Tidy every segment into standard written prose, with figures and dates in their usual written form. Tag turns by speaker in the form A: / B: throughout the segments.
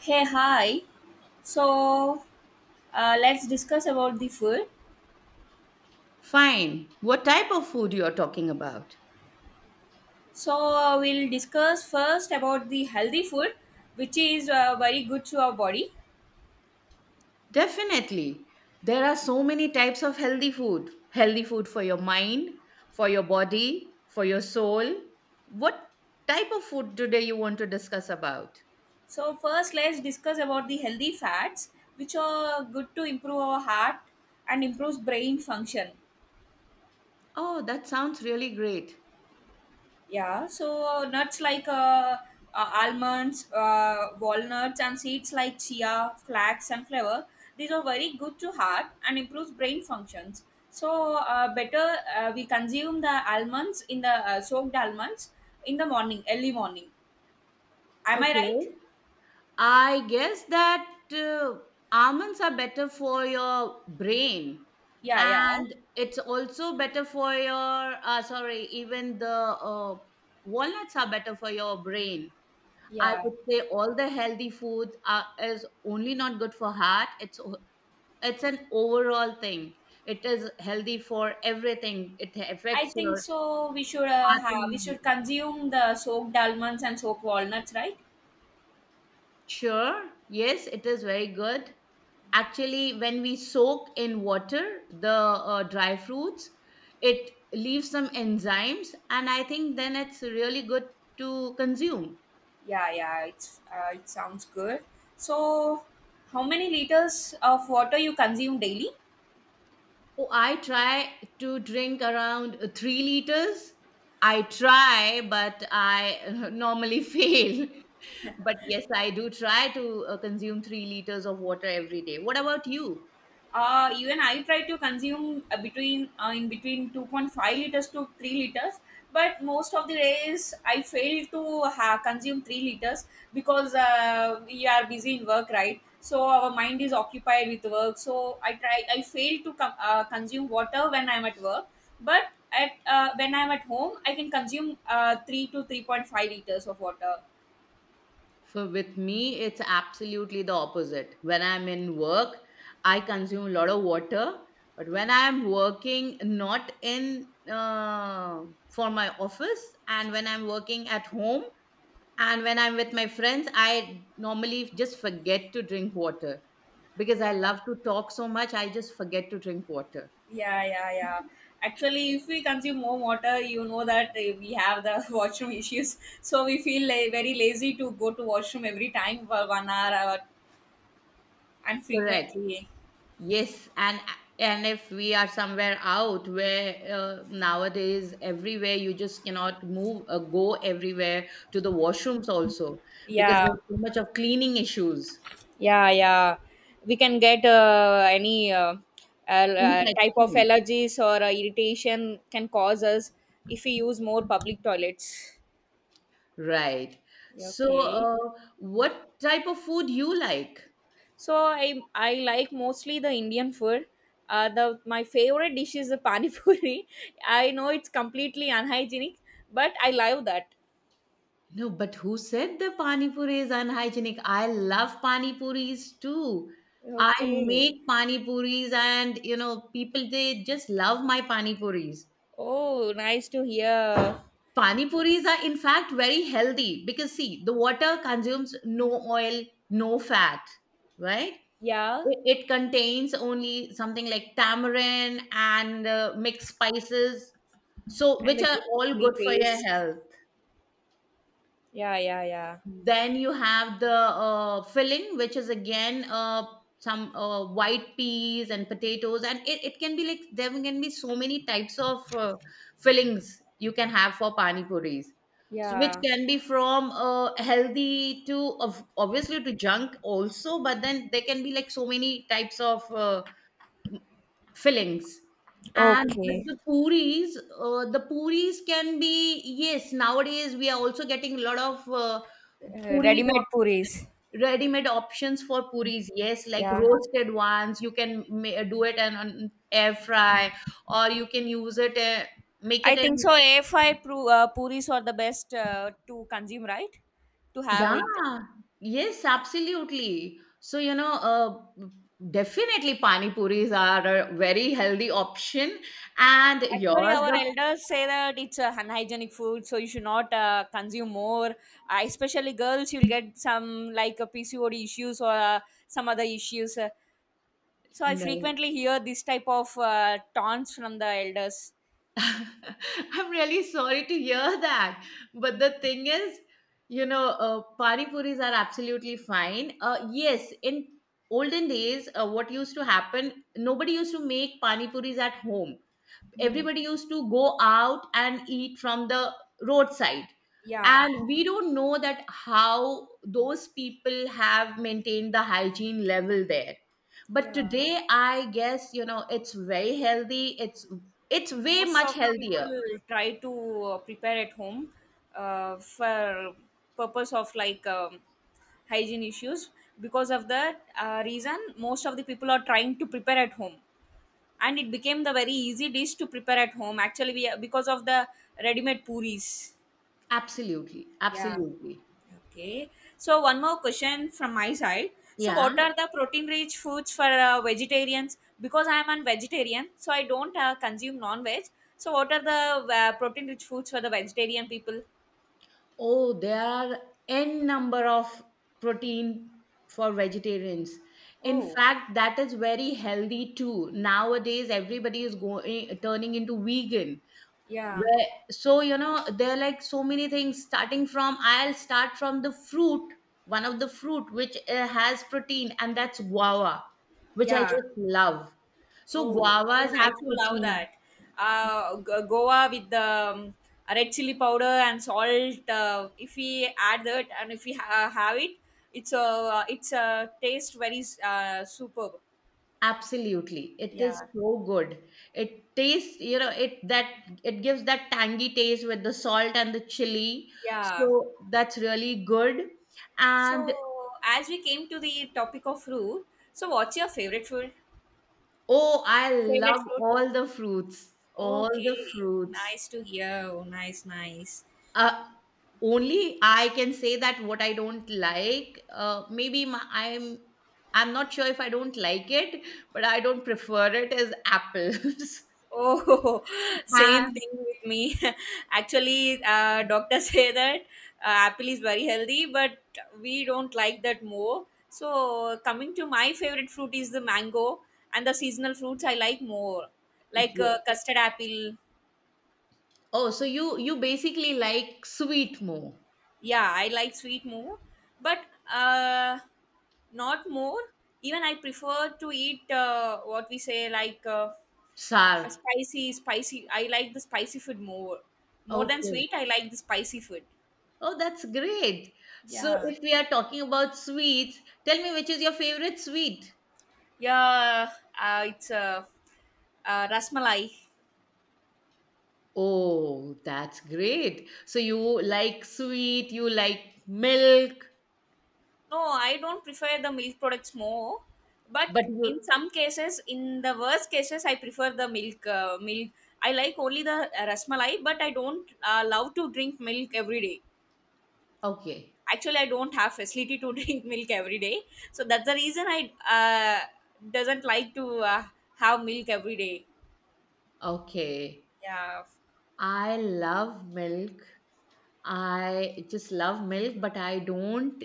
A: Hey, hi. So, let's discuss about the food.
B: Fine. What type of food you're talking about?
A: So, we'll discuss first about the healthy food, which is very good to our body.
B: Definitely. There are so many types of healthy food. Healthy food for your mind, for your body, for your soul. What type of food today you want to discuss about?
A: So, first, let's discuss about the healthy fats, which are good to improve our heart and improves brain function.
B: Oh, that sounds really great.
A: Yeah, so nuts like almonds, walnuts, and seeds like chia, flax, and flour. These are very good to heart and improves brain functions. So better we consume the almonds in the soaked almonds in the morning, early morning. Am I right?
B: Okay. I guess that uh, almonds are better for your brain,
A: Yeah, yeah,
B: and it's also better for your sorry, even the walnuts are better for your brain. I
A: yeah.
B: would say all the healthy food are, is only not good for heart. It's an overall thing. It is healthy for everything. It
A: I
B: affects
A: think
B: your
A: so. We should uh,
B: heart
A: have
B: and
A: we should
B: mind.
A: consume the soaked almonds and soaked walnuts, right?
B: Sure, yes, it is very good. Actually, when we soak in water the dry fruits, it leaves some enzymes, and I think then it's really good to consume.
A: Yeah, yeah, it sounds good. So, how many liters of water you consume daily?
B: Oh, I try to drink around 3 liters. I try, but I normally fail. But yes, I do try to consume 3 liters of water every day. What about you?
A: Even I try to consume between in between 2.5 liters to 3 liters, but most of the days I fail to consume 3 liters, because we are busy in work, right? So our mind is occupied with work, so I fail to consume water when I'm at work, but at when I'm at home I can consume 3 to 3.5 liters of water.
B: For with me, it's absolutely the opposite. When I'm in work, I consume a lot of water. But when I'm working not in for my office, and when I'm working at home, and when I'm with my friends, I normally just forget to drink water because I
A: Okay.
B: love to talk so much. I just forget to drink water.
A: Yeah, yeah, yeah. Actually, if we consume more water, you know that we have the washroom issues. So we feel very lazy to go to washroom every time for 1 hour and
B: Correct.
A: frequently.
B: Yes, and if we are somewhere out where nowadays everywhere you just cannot move go everywhere to the washrooms also because
A: Yeah,
B: there's so much of cleaning issues,
A: yeah, yeah. We can get any type of
B: infection.
A: allergies or irritation can cause us if we use more public toilets.
B: Right.
A: Yeah,
B: So,
A: okay.
B: what type of food you like?
A: So I like mostly the Indian food. The my favorite dish is the pani puri. I know it's completely unhygienic, but I love that.
B: No, but who said the pani puri is unhygienic? I love pani puris too. I
A: Okay.
B: make pani puris, and you know, people they just love my pani puris.
A: Oh, nice to hear.
B: Pani puris are in fact very healthy because see, the water consumes no oil, no fat, right?
A: Yeah,
B: It contains only something like tamarind and mixed spices, so
A: and
B: which
A: the
B: are
A: green
B: all
A: chili
B: good for your
A: paste.
B: health
A: Yeah, yeah, yeah,
B: then you have the filling which is again some white peas and potatoes and it can be like there can be so many types of fillings you can have for pani puris so which
A: yeah.
B: can be from healthy to of obviously to junk also but then there can be like so many types of fillings. And with
A: Okay.
B: the puris can be, yes, nowadays we are also getting a lot of puris
A: Ready-made
B: options,
A: puris.
B: ready made options for puris. Yes, like
A: Yeah,
B: roasted ones, you can do it and an air fry, or you can use it, make
A: I
B: it
A: think
B: in.
A: so. A five puris are the best to consume, right? To have
B: Yeah,
A: it.
B: yes, absolutely. So, you know, definitely pani puris are a very healthy option. And
A: Actually,
B: yours,
A: our
B: the
A: elders say that it's a unhygienic food, so you should not consume more. Especially girls, you'll get some like PCOD issues or some other issues. So I
B: no.
A: frequently hear this type of taunts from the elders.
B: I'm really sorry to hear that. But the thing is, pani puris are absolutely fine. Yes, in olden days, what used to happen, nobody used to make pani puris at home,
A: Mm.
B: everybody used to go out and eat from the roadside,
A: Yeah,
B: and we don't know that how those people have maintained the hygiene level there, but
A: yeah.
B: today I guess you know it's very healthy, it's way
A: Most
B: much
A: of the people
B: healthier
A: try to prepare at home for purpose of like hygiene issues. Because of that reason, most of the people are trying to prepare at home, and it became the very easy dish to prepare at home, actually, we because of the ready-made puris.
B: absolutely
A: Yeah,
B: absolutely
A: okay. So one more question from my side. So
B: yeah.
A: what are the protein rich foods for vegetarians, because I am a vegetarian, so I don't consume non-veg. So what are the protein rich foods for the vegetarian people?
B: Oh, there are n number of protein for vegetarians. In
A: Oh,
B: fact, that is very healthy too. Nowadays, everybody is going turning into vegan.
A: yeah,
B: Where, so you know there are like so many things. Starting from, I'll start from the fruit, one of the fruit which has protein, and that's guava, which I
A: yeah.
B: just love. So
A: Oh,
B: guavas
A: even I
B: have
A: too love
B: protein.
A: that. Goa with the um, red chili powder and salt. If we add that and if we have it, it's a taste very superb.
B: Absolutely. It is
A: Yeah,
B: so good. It tastes, you know, it that it gives that tangy taste with the salt and the chili.
A: yeah.
B: So that's really good. And
A: So as we came to the topic of fruit, so what's your favorite fruit?
B: oh, I
A: Favorite
B: love
A: fruit?
B: all the fruits. All the
A: Okay,
B: fruits.
A: nice to hear. Oh, nice, nice.
B: Uh, only I can say that what I don't like, maybe my, I'm not sure if I don't like it, but I don't prefer it is apples.
A: Oh, same
B: And
A: thing with me. Actually, doctors say that apple is very healthy, but we don't like that more. So, coming to my favorite fruit is the mango, and the seasonal fruits I like more, like
B: yeah.
A: custard apple.
B: Oh, so you basically like sweet more,
A: Yeah, I like sweet more, but uh, not more. Even I prefer to eat what we say, like.
B: sour.
A: A spicy spicy I like the spicy food more than
B: Okay.
A: sweet. I like the spicy food.
B: Oh, that's great. So
A: Yeah,
B: if we are talking about sweets, tell me which is your favorite sweet?
A: yeah, it's rasmalai.
B: Oh, that's great. So you like sweet, you like milk,
A: No, I don't prefer the milk products more,
B: but
A: but in
B: you
A: some cases, in the worst cases, I prefer the milk. I like only the rasmalai, but I don't love to drink milk every day.
B: okay.
A: Actually, I don't have facility to drink milk every day, so that's the reason I uh, doesn't like to have milk every day.
B: Okay.
A: Yeah,
B: I love milk, I just love milk, but I don't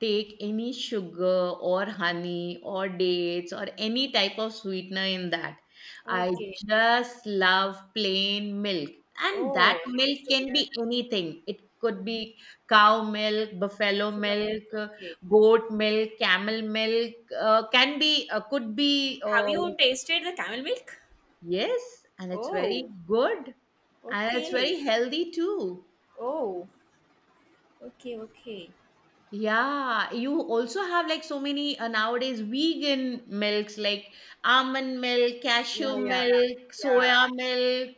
B: take any sugar or honey or dates or any type of sweetener in that. I
A: okay.
B: just love plain milk. And that
A: Oh,
B: milk
A: nice to
B: can
A: hear.
B: be anything. It could be cow milk, buffalo
A: Full of
B: milk,
A: milk, okay.
B: goat milk, camel milk, can be, could be,
A: Have
B: like,
A: you tasted the camel milk?
B: yes, and it's very
A: Oh.
B: good. And it's very
A: Okay.
B: healthy too.
A: Oh, okay, okay.
B: Yeah, you also have like so many nowadays vegan milks like almond milk,
A: Yeah,
B: cashew
A: yeah,
B: milk,
A: yeah.
B: soya milk.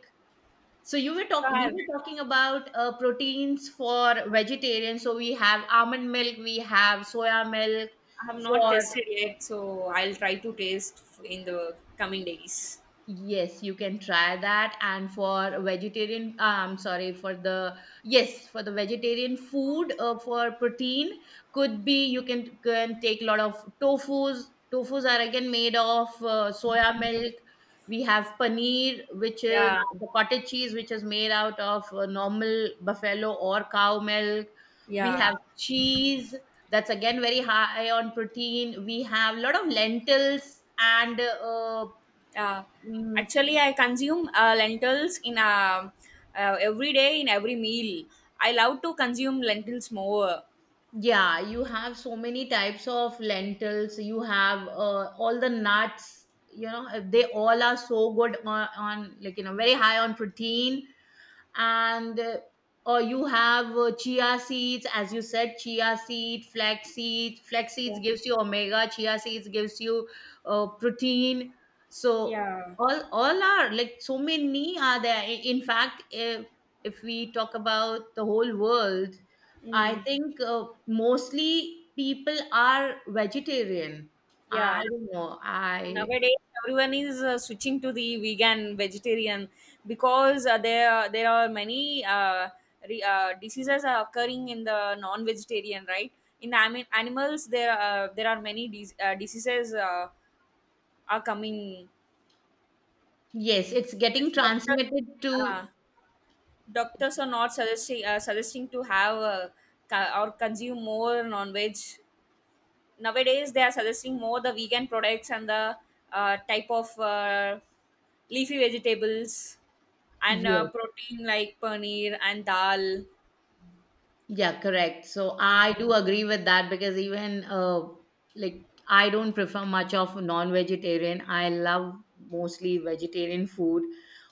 B: So you were
A: So
B: talk
A: i
B: we
A: have
B: were talking about proteins for vegetarians. So we have almond milk, we have soya milk
A: I have not
B: for
A: tested yet, so I'll try to taste in the coming days.
B: yes, you can try that. And for vegetarian, sorry, for the, yes, for the vegetarian food, for protein, could be can take a lot of tofus. Tofus are again made of soya milk. We have paneer, which is
A: Yeah,
B: the cottage cheese, which is made out of normal buffalo or cow milk. We
A: yeah.
B: have cheese, that's again very high on protein. We have a lot of lentils and
A: Uh,
B: mm,
A: Actually, I consume lentils in every day in every meal. I love to consume lentils more.
B: yeah, you have so many types of lentils. You have all the nuts. You know, they all are so good on like you know very high on protein and or you have chia seeds as you said chia seed flax seeds
A: Yeah.
B: gives you omega chia seeds gives you protein so
A: Yeah.
B: all are like so many are there in fact if we talk about the whole world I
A: Mm,
B: think mostly people are vegetarian, I
A: yeah.
B: don't know. I
A: Nowadays, everyone is switching to the vegan, vegetarian, because there are many diseases are occurring in the non-vegetarian, right? In animals, there are many diseases are coming.
B: yes it's getting
A: As a doctor,
B: transmitted to
A: uh, doctors are not suggesting to have or consume more non-veg. Nowadays, they are suggesting more the vegan products and the type of leafy vegetables, and
B: yes.
A: protein like paneer and dal.
B: Yeah, correct. So
A: Yeah.
B: I do agree with that because even like I don't prefer much of non-vegetarian. I love mostly vegetarian food.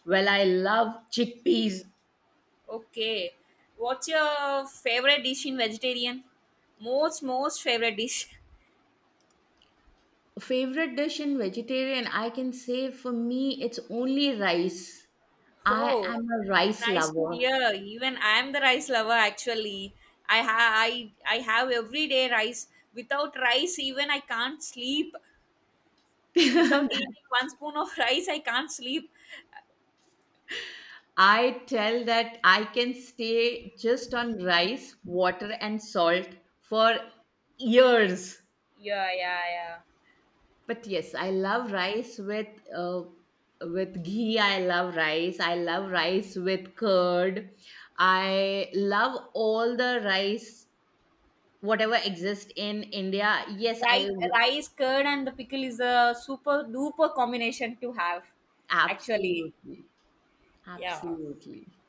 B: Well, I love chickpeas.
A: Okay. What's your favorite dish in vegetarian? Most favorite dish.
B: Favorite dish in vegetarian, I can say for me, it's only rice. I
A: Oh,
B: am a rice
A: nice to
B: lover.
A: hear. Even I'm the rice lover actually. I ha I have everyday rice. Without rice, even I can't sleep. Without eating one spoon of rice, I can't sleep.
B: I tell that I can stay just on rice, water, and salt for years.
A: Yeah, yeah, yeah.
B: But yes, I love rice uh, with ghee. I love rice. I love rice with curd. I love all the rice whatever exists in India. Yes, I
A: Rice, rice, curd, and the pickle is a super duper combination to have, actually.
B: absolutely,
A: Yeah.
B: absolutely.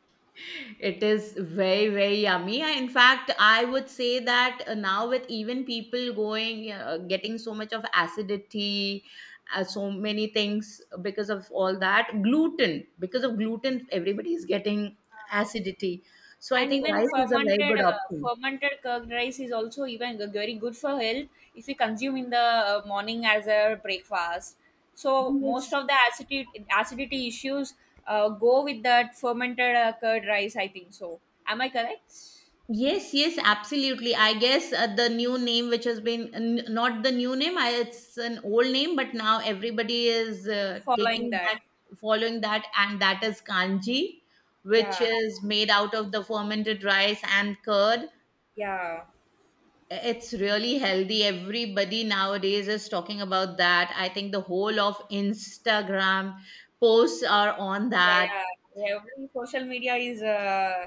B: It is very, very yummy. In fact, I would say that now with even people going, getting so much of acidity, so many things because of all that, gluten, because of gluten, everybody is getting acidity. So I
A: And
B: think
A: even
B: rice is a very
A: fermented
B: good
A: uh,
B: option.
A: fermented curd rice is also even very good for health, if we consume in the morning as a breakfast. So most
B: Yes.
A: of the acidity issues go with that fermented curd rice, I think so. Am I correct?
B: Yes, yes, absolutely. I guess the new name, which has been not the new name, I, it's an old name, but now everybody is
A: Following
B: taking
A: that.
B: that, following that, and that is kanji, which
A: Yeah,
B: is made out of the fermented rice and curd.
A: yeah.
B: It's really healthy. Everybody nowadays is talking about that. I think the whole of Instagram posts are on
A: Yeah,
B: that.
A: yeah. Every social media is uh,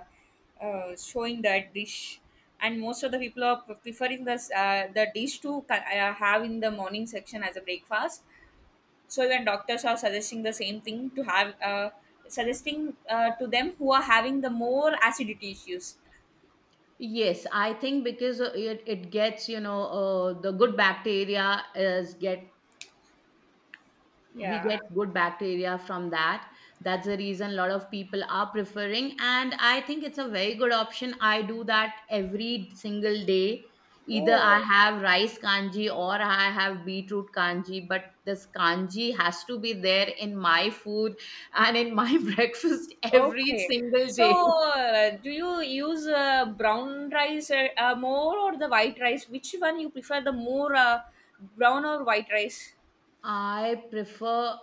A: uh, showing that dish, and most of the people are preferring this the dish to have in the morning section as a breakfast. So even doctors are suggesting the same thing to have, suggesting to them who are having the more acidity issues.
B: Yes, I think because it gets, you know, the good bacteria is get we
A: Yeah.
B: get good bacteria from that, that's the reason a lot of people are preferring and I think it's a very good option, I do that every single day, either I
A: Oh.
B: have rice kanji or I have beetroot kanji but this kanji has to be there in my food and in my breakfast every
A: Okay.
B: single
A: So,
B: day.
A: do you use brown rice more or the white rice? Which one you prefer the more, brown or white rice?
B: I prefer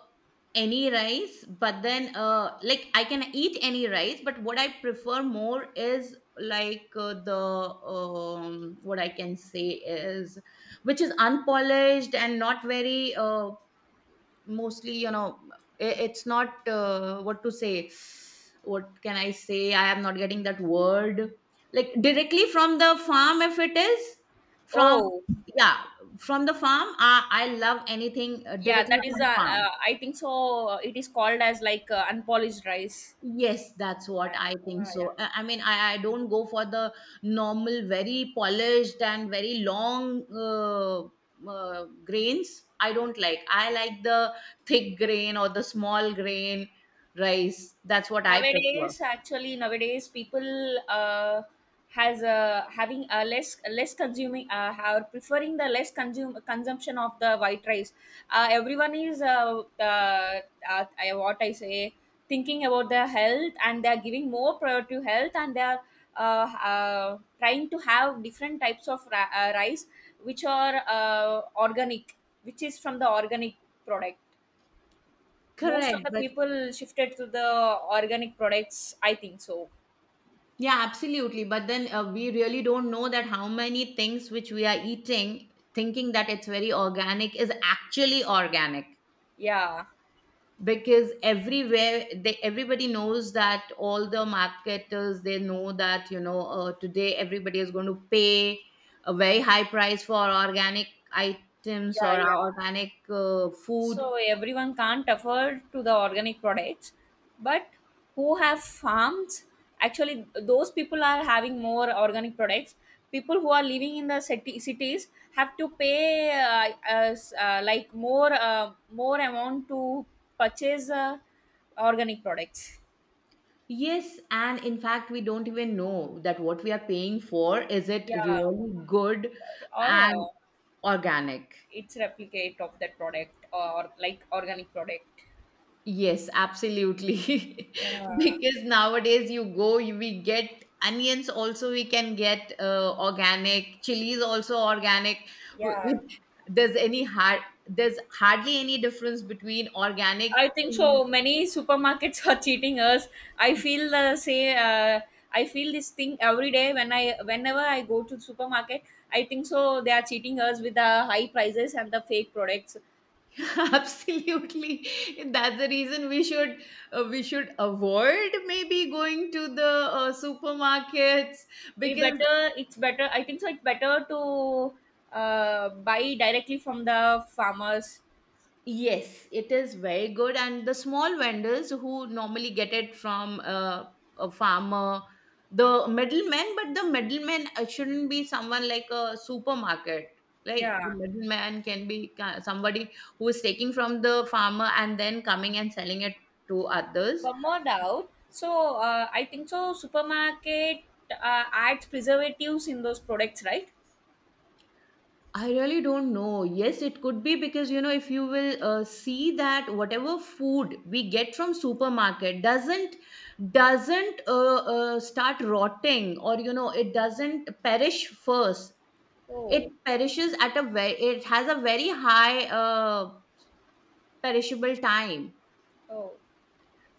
B: any rice, but then like I can eat any rice, but what I prefer more is like the what I can say is which is unpolished and not very mostly you know, it's not what to say, what can I say, I am not getting that word, like directly from the farm if it is from
A: Oh,
B: yeah from the farm I love anything
A: yeah,
B: directly
A: that is,
B: from farm.
A: I think so. It is called as like unpolished rice.
B: Yes, that's
A: Yeah,
B: what I think
A: yeah, yeah.
B: so. I mean, I don't go for the normal, very polished and very long grains. I don't like. I like the thick grain or the small grain rice. That's what I prefer.
A: Nowadays, actually, nowadays people has having a less consuming are preferring the less consume consumption of the white rice. Everyone is what I say, thinking about their health, and they are giving more prior to health, and they are trying to have different types of rice which are organic, which is from the organic product. Most of
B: Correct.
A: the
B: But
A: people shifted to the organic products, I think so.
B: yeah, absolutely. But then we really don't know that how many things which we are eating, thinking that it's very organic, is actually organic.
A: Yeah.
B: Because everywhere they everybody knows that all the marketers they know that you know today everybody is going to pay a very high price for organic items
A: Yeah,
B: or
A: yeah.
B: organic food.
A: So everyone can't afford to the organic products, but who have farms, actually those people are having more organic products. People who are living in the city, cities have to pay as, like more amount to purchase organic products.
B: Yes, and in fact we don't even know that what we are paying for is it
A: Yeah,
B: really good
A: or
B: and organic.
A: it's replicate of that product, or like organic product.
B: Yes, absolutely.
A: Yeah,
B: Because nowadays you go, we get onions also, we can get organic, chilies also organic. W-
A: yeah,
B: There's any hard, there's hardly any difference between organic.
A: I think
B: Mm.
A: so. Many supermarkets are cheating us. I feel the say. I feel this thing every day when I whenever I go to supermarket. I think so. They are cheating us with the high prices and the fake products.
B: Absolutely. That's the reason we should avoid maybe going to the supermarkets
A: It
B: because.
A: better. It's better, I think so. It's better to buy directly from the farmers.
B: Yes, it is very good. And the small vendors who normally get it from a farmer, the middleman. But the middleman shouldn't be someone like a supermarket. Like the
A: Yeah.
B: middleman can be somebody who is taking from the farmer and then coming and selling it to others.
A: One more doubt. So I think so. Supermarket adds preservatives in those products, right?
B: I really don't know. Yes, it could be because you know if you will see that whatever food we get from supermarket doesn't start rotting, or you know, it doesn't perish first. It
A: Oh,
B: perishes at a very, it has a very high perishable time
A: oh.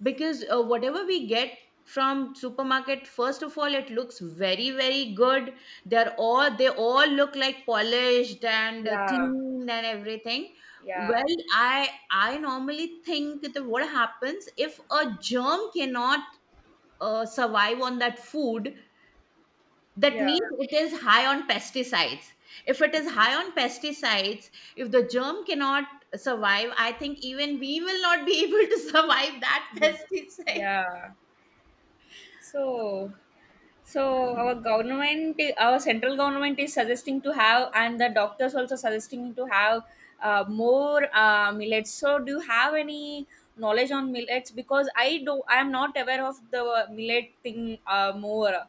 B: because whatever we get from supermarket, first of all, it looks very very good. They're all, they all look like polished and
A: Yeah,
B: clean and everything.
A: yeah,
B: Well, I normally think, that what happens if a germ cannot survive on that food? That
A: yeah,
B: means it is high on pesticides. If it is high on pesticides, if the germ cannot survive, I think even we will not be able to survive that
A: yeah,
B: pesticide.
A: yeah. So, our government, our central government is suggesting to have, and the doctors also suggesting to have more millets. So, do you have any knowledge on millets? Because I do, I am not aware of the millet thing more.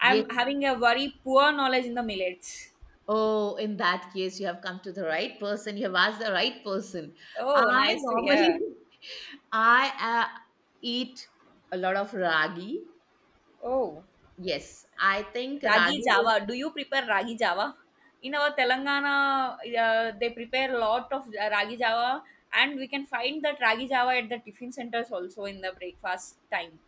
A: I'm
B: Yes.
A: having a very poor knowledge in the millets.
B: Oh, in that case, you have come to the right person. You have asked the right person.
A: Oh,
B: I
A: nice to
B: normally,
A: hear.
B: I eat a lot of ragi.
A: Oh,
B: Yes, I think
A: ragi
B: ragi is
A: java. Do you prepare ragi java? In our Telangana, they prepare a lot of ragi java, and we can find that ragi java at the tiffin centers also in the breakfast time.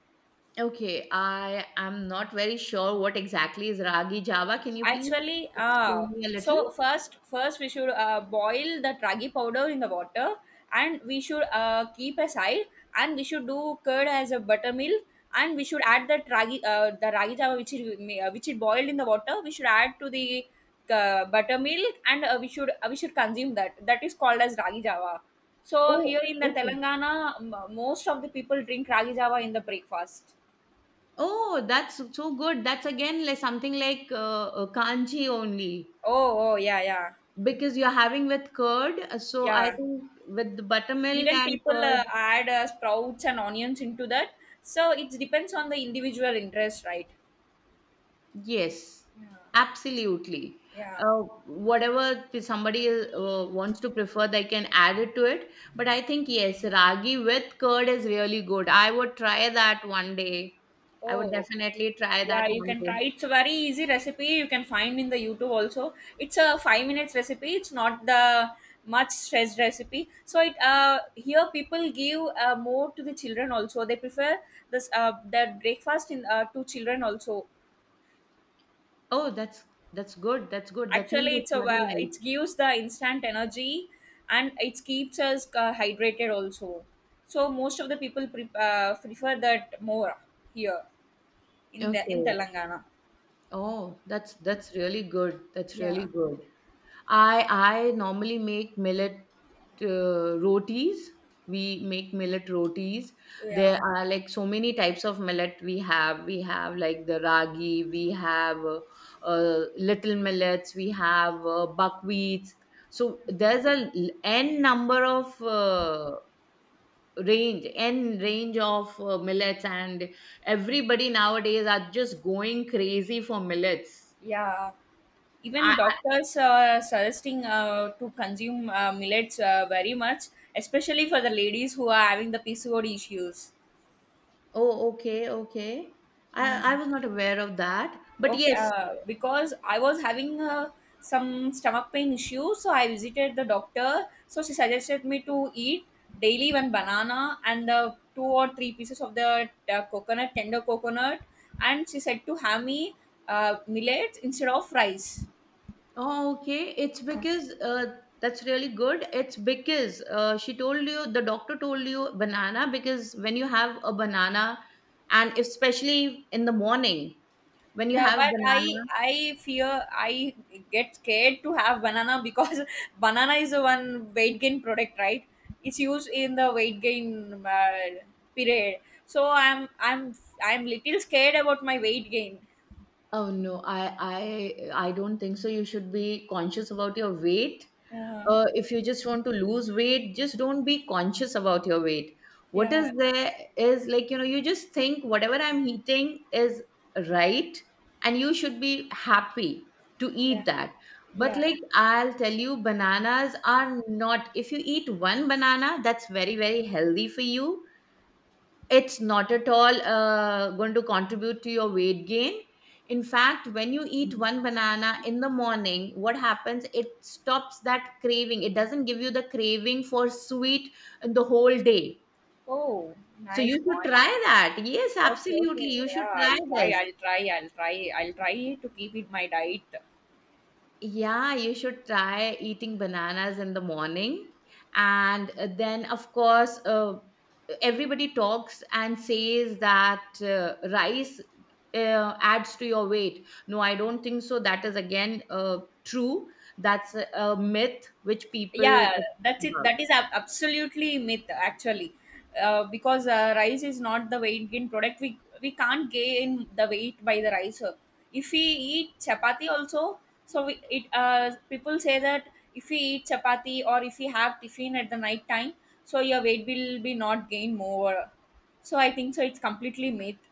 B: okay. I am not very sure what exactly is ragi java. Can you please
A: Actually,
B: explain me a little?
A: so first we should boil the ragi powder in the water, and we should keep aside, and we should do curd as a buttermilk, and we should add the ragi java which is boiled in the water. We should add to the buttermilk, and we should consume that. That is called as ragi java. So
B: Oh,
A: here in the
B: okay.
A: Telangana, most of the people drink ragi java in the breakfast.
B: Oh, that's so good. That's again like something like kanji only
A: Oh, oh, yeah, yeah,
B: because you're having with curd. So I
A: yeah.
B: think with the buttermilk
A: Even
B: and
A: people
B: curd.
A: add sprouts and onions into that, so it depends on the individual interest, right?
B: Yes, absolutely.
A: Yeah,
B: Whatever somebody wants to prefer, they can add it to it. But I think, yes, ragi with curd is really good. I would try that one day. I would
A: oh
B: definitely try that
A: yeah, you
B: one
A: can try.
B: day.
A: It's a very easy recipe. You can find in the YouTube also. It's a 5 minutes recipe. It's not the much stressed recipe. So it here people give more to the children also. They prefer this their breakfast in to children also.
B: Oh, that's good. That's good. That means
A: Actually,
B: it's very light.
A: it gives the instant energy, and it keeps us hydrated also. So most of the people prefer that more here in the in
B: Okay.
A: Telangana.
B: Oh, that's really good. That's really
A: Yeah,
B: good. I normally make millet rotis. We make millet rotis.
A: yeah,
B: There are like so many types of millet we have. We have like the ragi. We have little millets. We have buckwheats. So there's a n number of range, n range of millets, and everybody nowadays are just going crazy for millets.
A: yeah. Even
B: I,
A: doctors are suggesting to consume millets very much, especially for the ladies who are having the PCOD issues.
B: oh, okay, okay.
A: Yeah.
B: I was not aware of that. But
A: Okay,
B: yes,
A: because I was having some stomach pain issue, so I visited the doctor. So she suggested me to eat daily one banana and the two or three pieces of the coconut, tender coconut, and she said to have me millets instead of rice.
B: oh, okay. It's because that's really good. It's because she told you, the doctor told you banana because when you have a banana, and especially in the morning, when you
A: Yeah,
B: have
A: but I
B: banana,
A: I fear I get scared to have banana because banana is the one weight gain product, right? It's used in the weight gain period. So I'm I'm little scared about my weight gain.
B: oh no, I, I don't think so. You should be conscious about your weight,
A: Uh,
B: if you just want to lose weight, just don't be conscious about your weight. What
A: yeah,
B: is there is like, you know, you just think whatever I'm eating is right, and you should be happy to
A: yeah,
B: eat that. But
A: yeah.
B: like I'll tell you, bananas are not, if you eat one banana, that's very, very healthy for you. It's not at all going to contribute to your weight gain. In fact, when you eat one banana in the morning, what happens? It stops that craving. It doesn't give you the craving for sweet the whole day.
A: Oh,
B: So you
A: nice
B: should
A: point.
B: try that. Yes,
A: Okay,
B: absolutely.
A: okay.
B: You should
A: Yeah,
B: try
A: I'll try.
B: this.
A: I'll try. I'll try. I'll try to keep it my diet.
B: Yeah, you should try eating bananas in the morning. And then, of course, everybody talks and says that rice adds to your weight. No, I don't think so. That is again true. That's a myth which people.
A: Yeah, that's it. Absolutely myth, actually. Because rice is not the weight gain product. We can't gain the weight by the rice. If we eat chapati also, so we, it people say that if we eat chapati or if we have tiffin at the night time, so your weight will be not gain more. So I think so it's completely myth.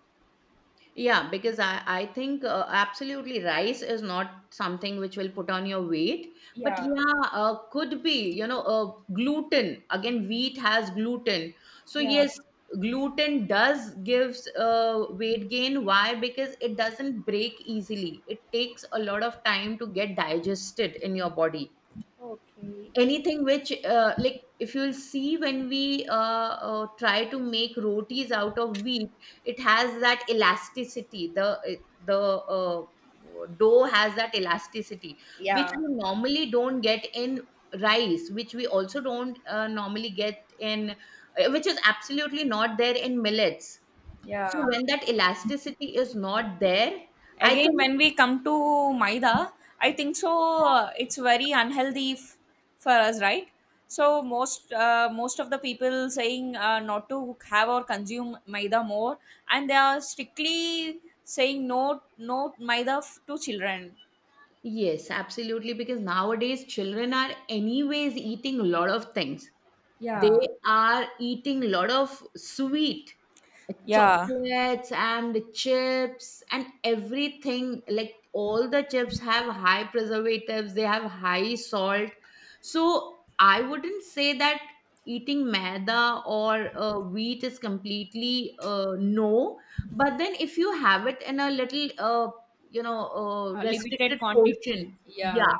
B: Yeah, because I think absolutely rice is not something which will put on your weight, but
A: Yeah,
B: yeah, could be, you know, gluten. Again, wheat has gluten. So
A: yeah.
B: yes, gluten does gives weight gain. Why? Because it doesn't break easily. It takes a lot of time to get digested in your body.
A: Okay.
B: Anything which like, if you'll see, when we try to make rotis out of wheat, it has that elasticity, the the uh, dough has that elasticity which
A: Yeah,
B: we normally don't get in rice, which we also don't normally get in which is absolutely not there in millets. So
A: yeah.
B: when that elasticity is not there, I
A: Again,
B: think
A: when we come to maida, I think so. It's very unhealthy for us, right? So most of the people saying not to have or consume maida more, and they are strictly saying no, no maida to children.
B: yes, absolutely, because nowadays children are anyways eating a lot of things. They
A: Yeah,
B: are eating a lot of sweet,
A: yeah,
B: chocolates and chips and everything. Like all the chips have high preservatives, they have high salt. So I wouldn't say that eating maida or wheat is completely no. But then if you have it in a little, you know,
A: limited
B: restricted
A: quantity.
B: portion, yeah,
A: Yeah,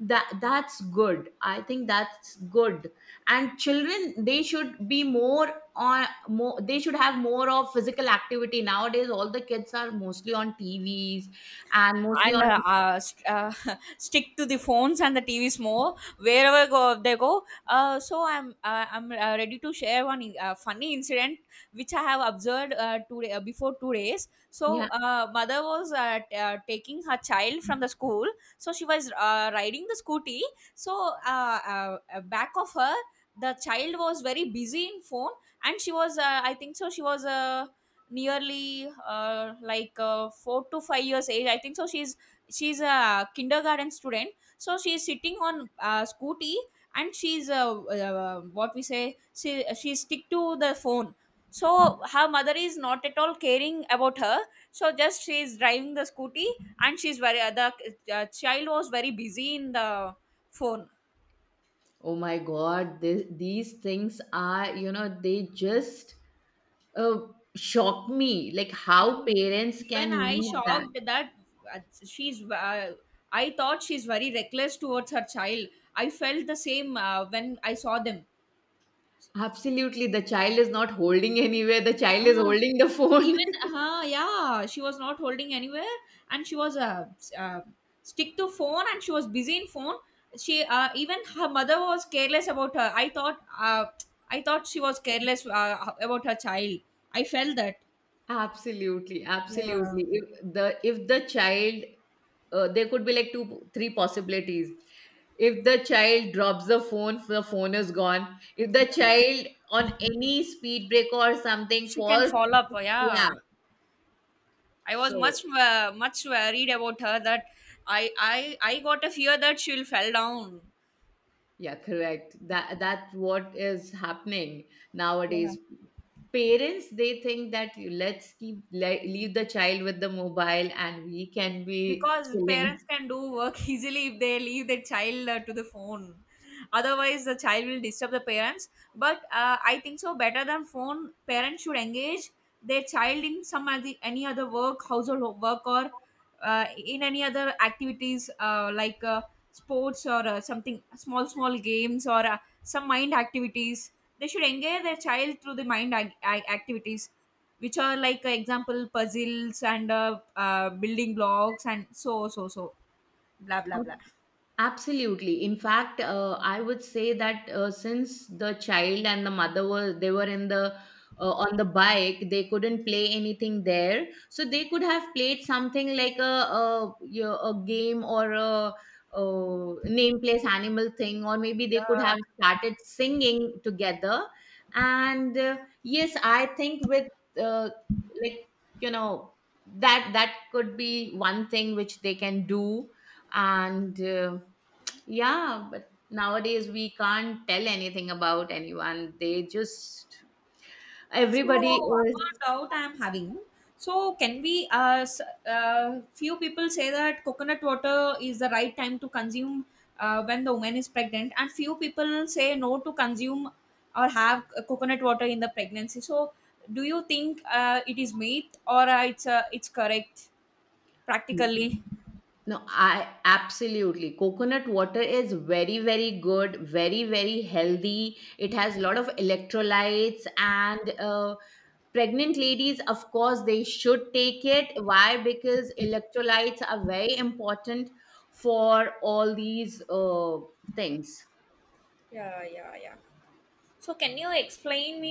B: that, that's good. I think that's good. And children, they should be more on more, they should have more of physical activity. Nowadays all the kids are mostly on TVs and mostly
A: and
B: on,
A: stick to the phones and the TVs more wherever go they go. So I'm ready to share one funny incident which I have observed today before 2 days.
B: yeah.
A: So mother was taking her child from the school. So she was riding the scooty. So back of her, the child was very busy in phone, and she was I think so she was nearly like 4 to 5 years age. I think so she's a kindergarten student. So she's sitting on a scooty, and she's what we say, she stick to the phone. So her mother is not at all caring about her. So just she is driving the scooty, and she's very the child was very busy in the phone.
B: Oh my god, these things are, you know, they just uh, shock me, like
A: Yeah.
B: how parents
A: Even
B: can
A: I
B: leave that.
A: shocked that she's. I thought she's very reckless towards her child. I felt the same when I saw them.
B: Absolutely, the child is not holding anywhere, the child is
A: Ah,
B: holding the phone
A: even yeah, she was not holding anywhere, and she was stick to phone, and she was busy in phone. She even her mother was careless about her. I thought she was careless about her child. I felt that.
B: Absolutely,
A: Yeah,
B: absolutely. If the, if the child, there could be like two, three possibilities. If the child drops the phone is gone. If the child on any speed break or something
A: she can
B: falls,
A: fall up.
B: yeah.
A: Yeah. I was
B: So
A: much worried about her that I got a fear that she'll fell down.
B: yeah, correct. That, that's what is happening
A: Yeah.
B: nowadays. Parents, they think that you- let's keep leave the child with the mobile and we can be
A: Because
B: chilling.
A: parents can do work easily if they leave their child to the phone. Otherwise the child will disturb the parents. But I think so better than phone parents should engage their child in some other, any other work, household work, or in any other activities like sports or something small small games or some mind activities. They should engage their child through the mind activities, which are like example puzzles and building blocks and so so so, blah blah blah.
B: Absolutely. In fact, I would say that since the child and the mother were, they were in the on the bike, they couldn't play anything there. So they could have played something like a, you know, a game or a, name place animal thing, or maybe they could have
A: Yeah,
B: started singing together. And yes, I think with uh, like, you know, that, that could be one thing which they can do and. Yeah, but nowadays we can't tell anything about anyone. They just
A: so
B: everybody
A: one
B: is,
A: more doubt I'm having. So can we uh, s- uh few people say that coconut water is the right time to consume when the woman is pregnant, and few people say no to consume or have coconut water in the pregnancy. So do you think it is myth or it's correct practically?
B: no, I absolutely, coconut water is very very good, very very healthy. It has a lot of electrolytes and pregnant ladies, of course, they should take it. Why? Because electrolytes are very important for all these things.
A: Yeah, yeah, yeah. So can you explain me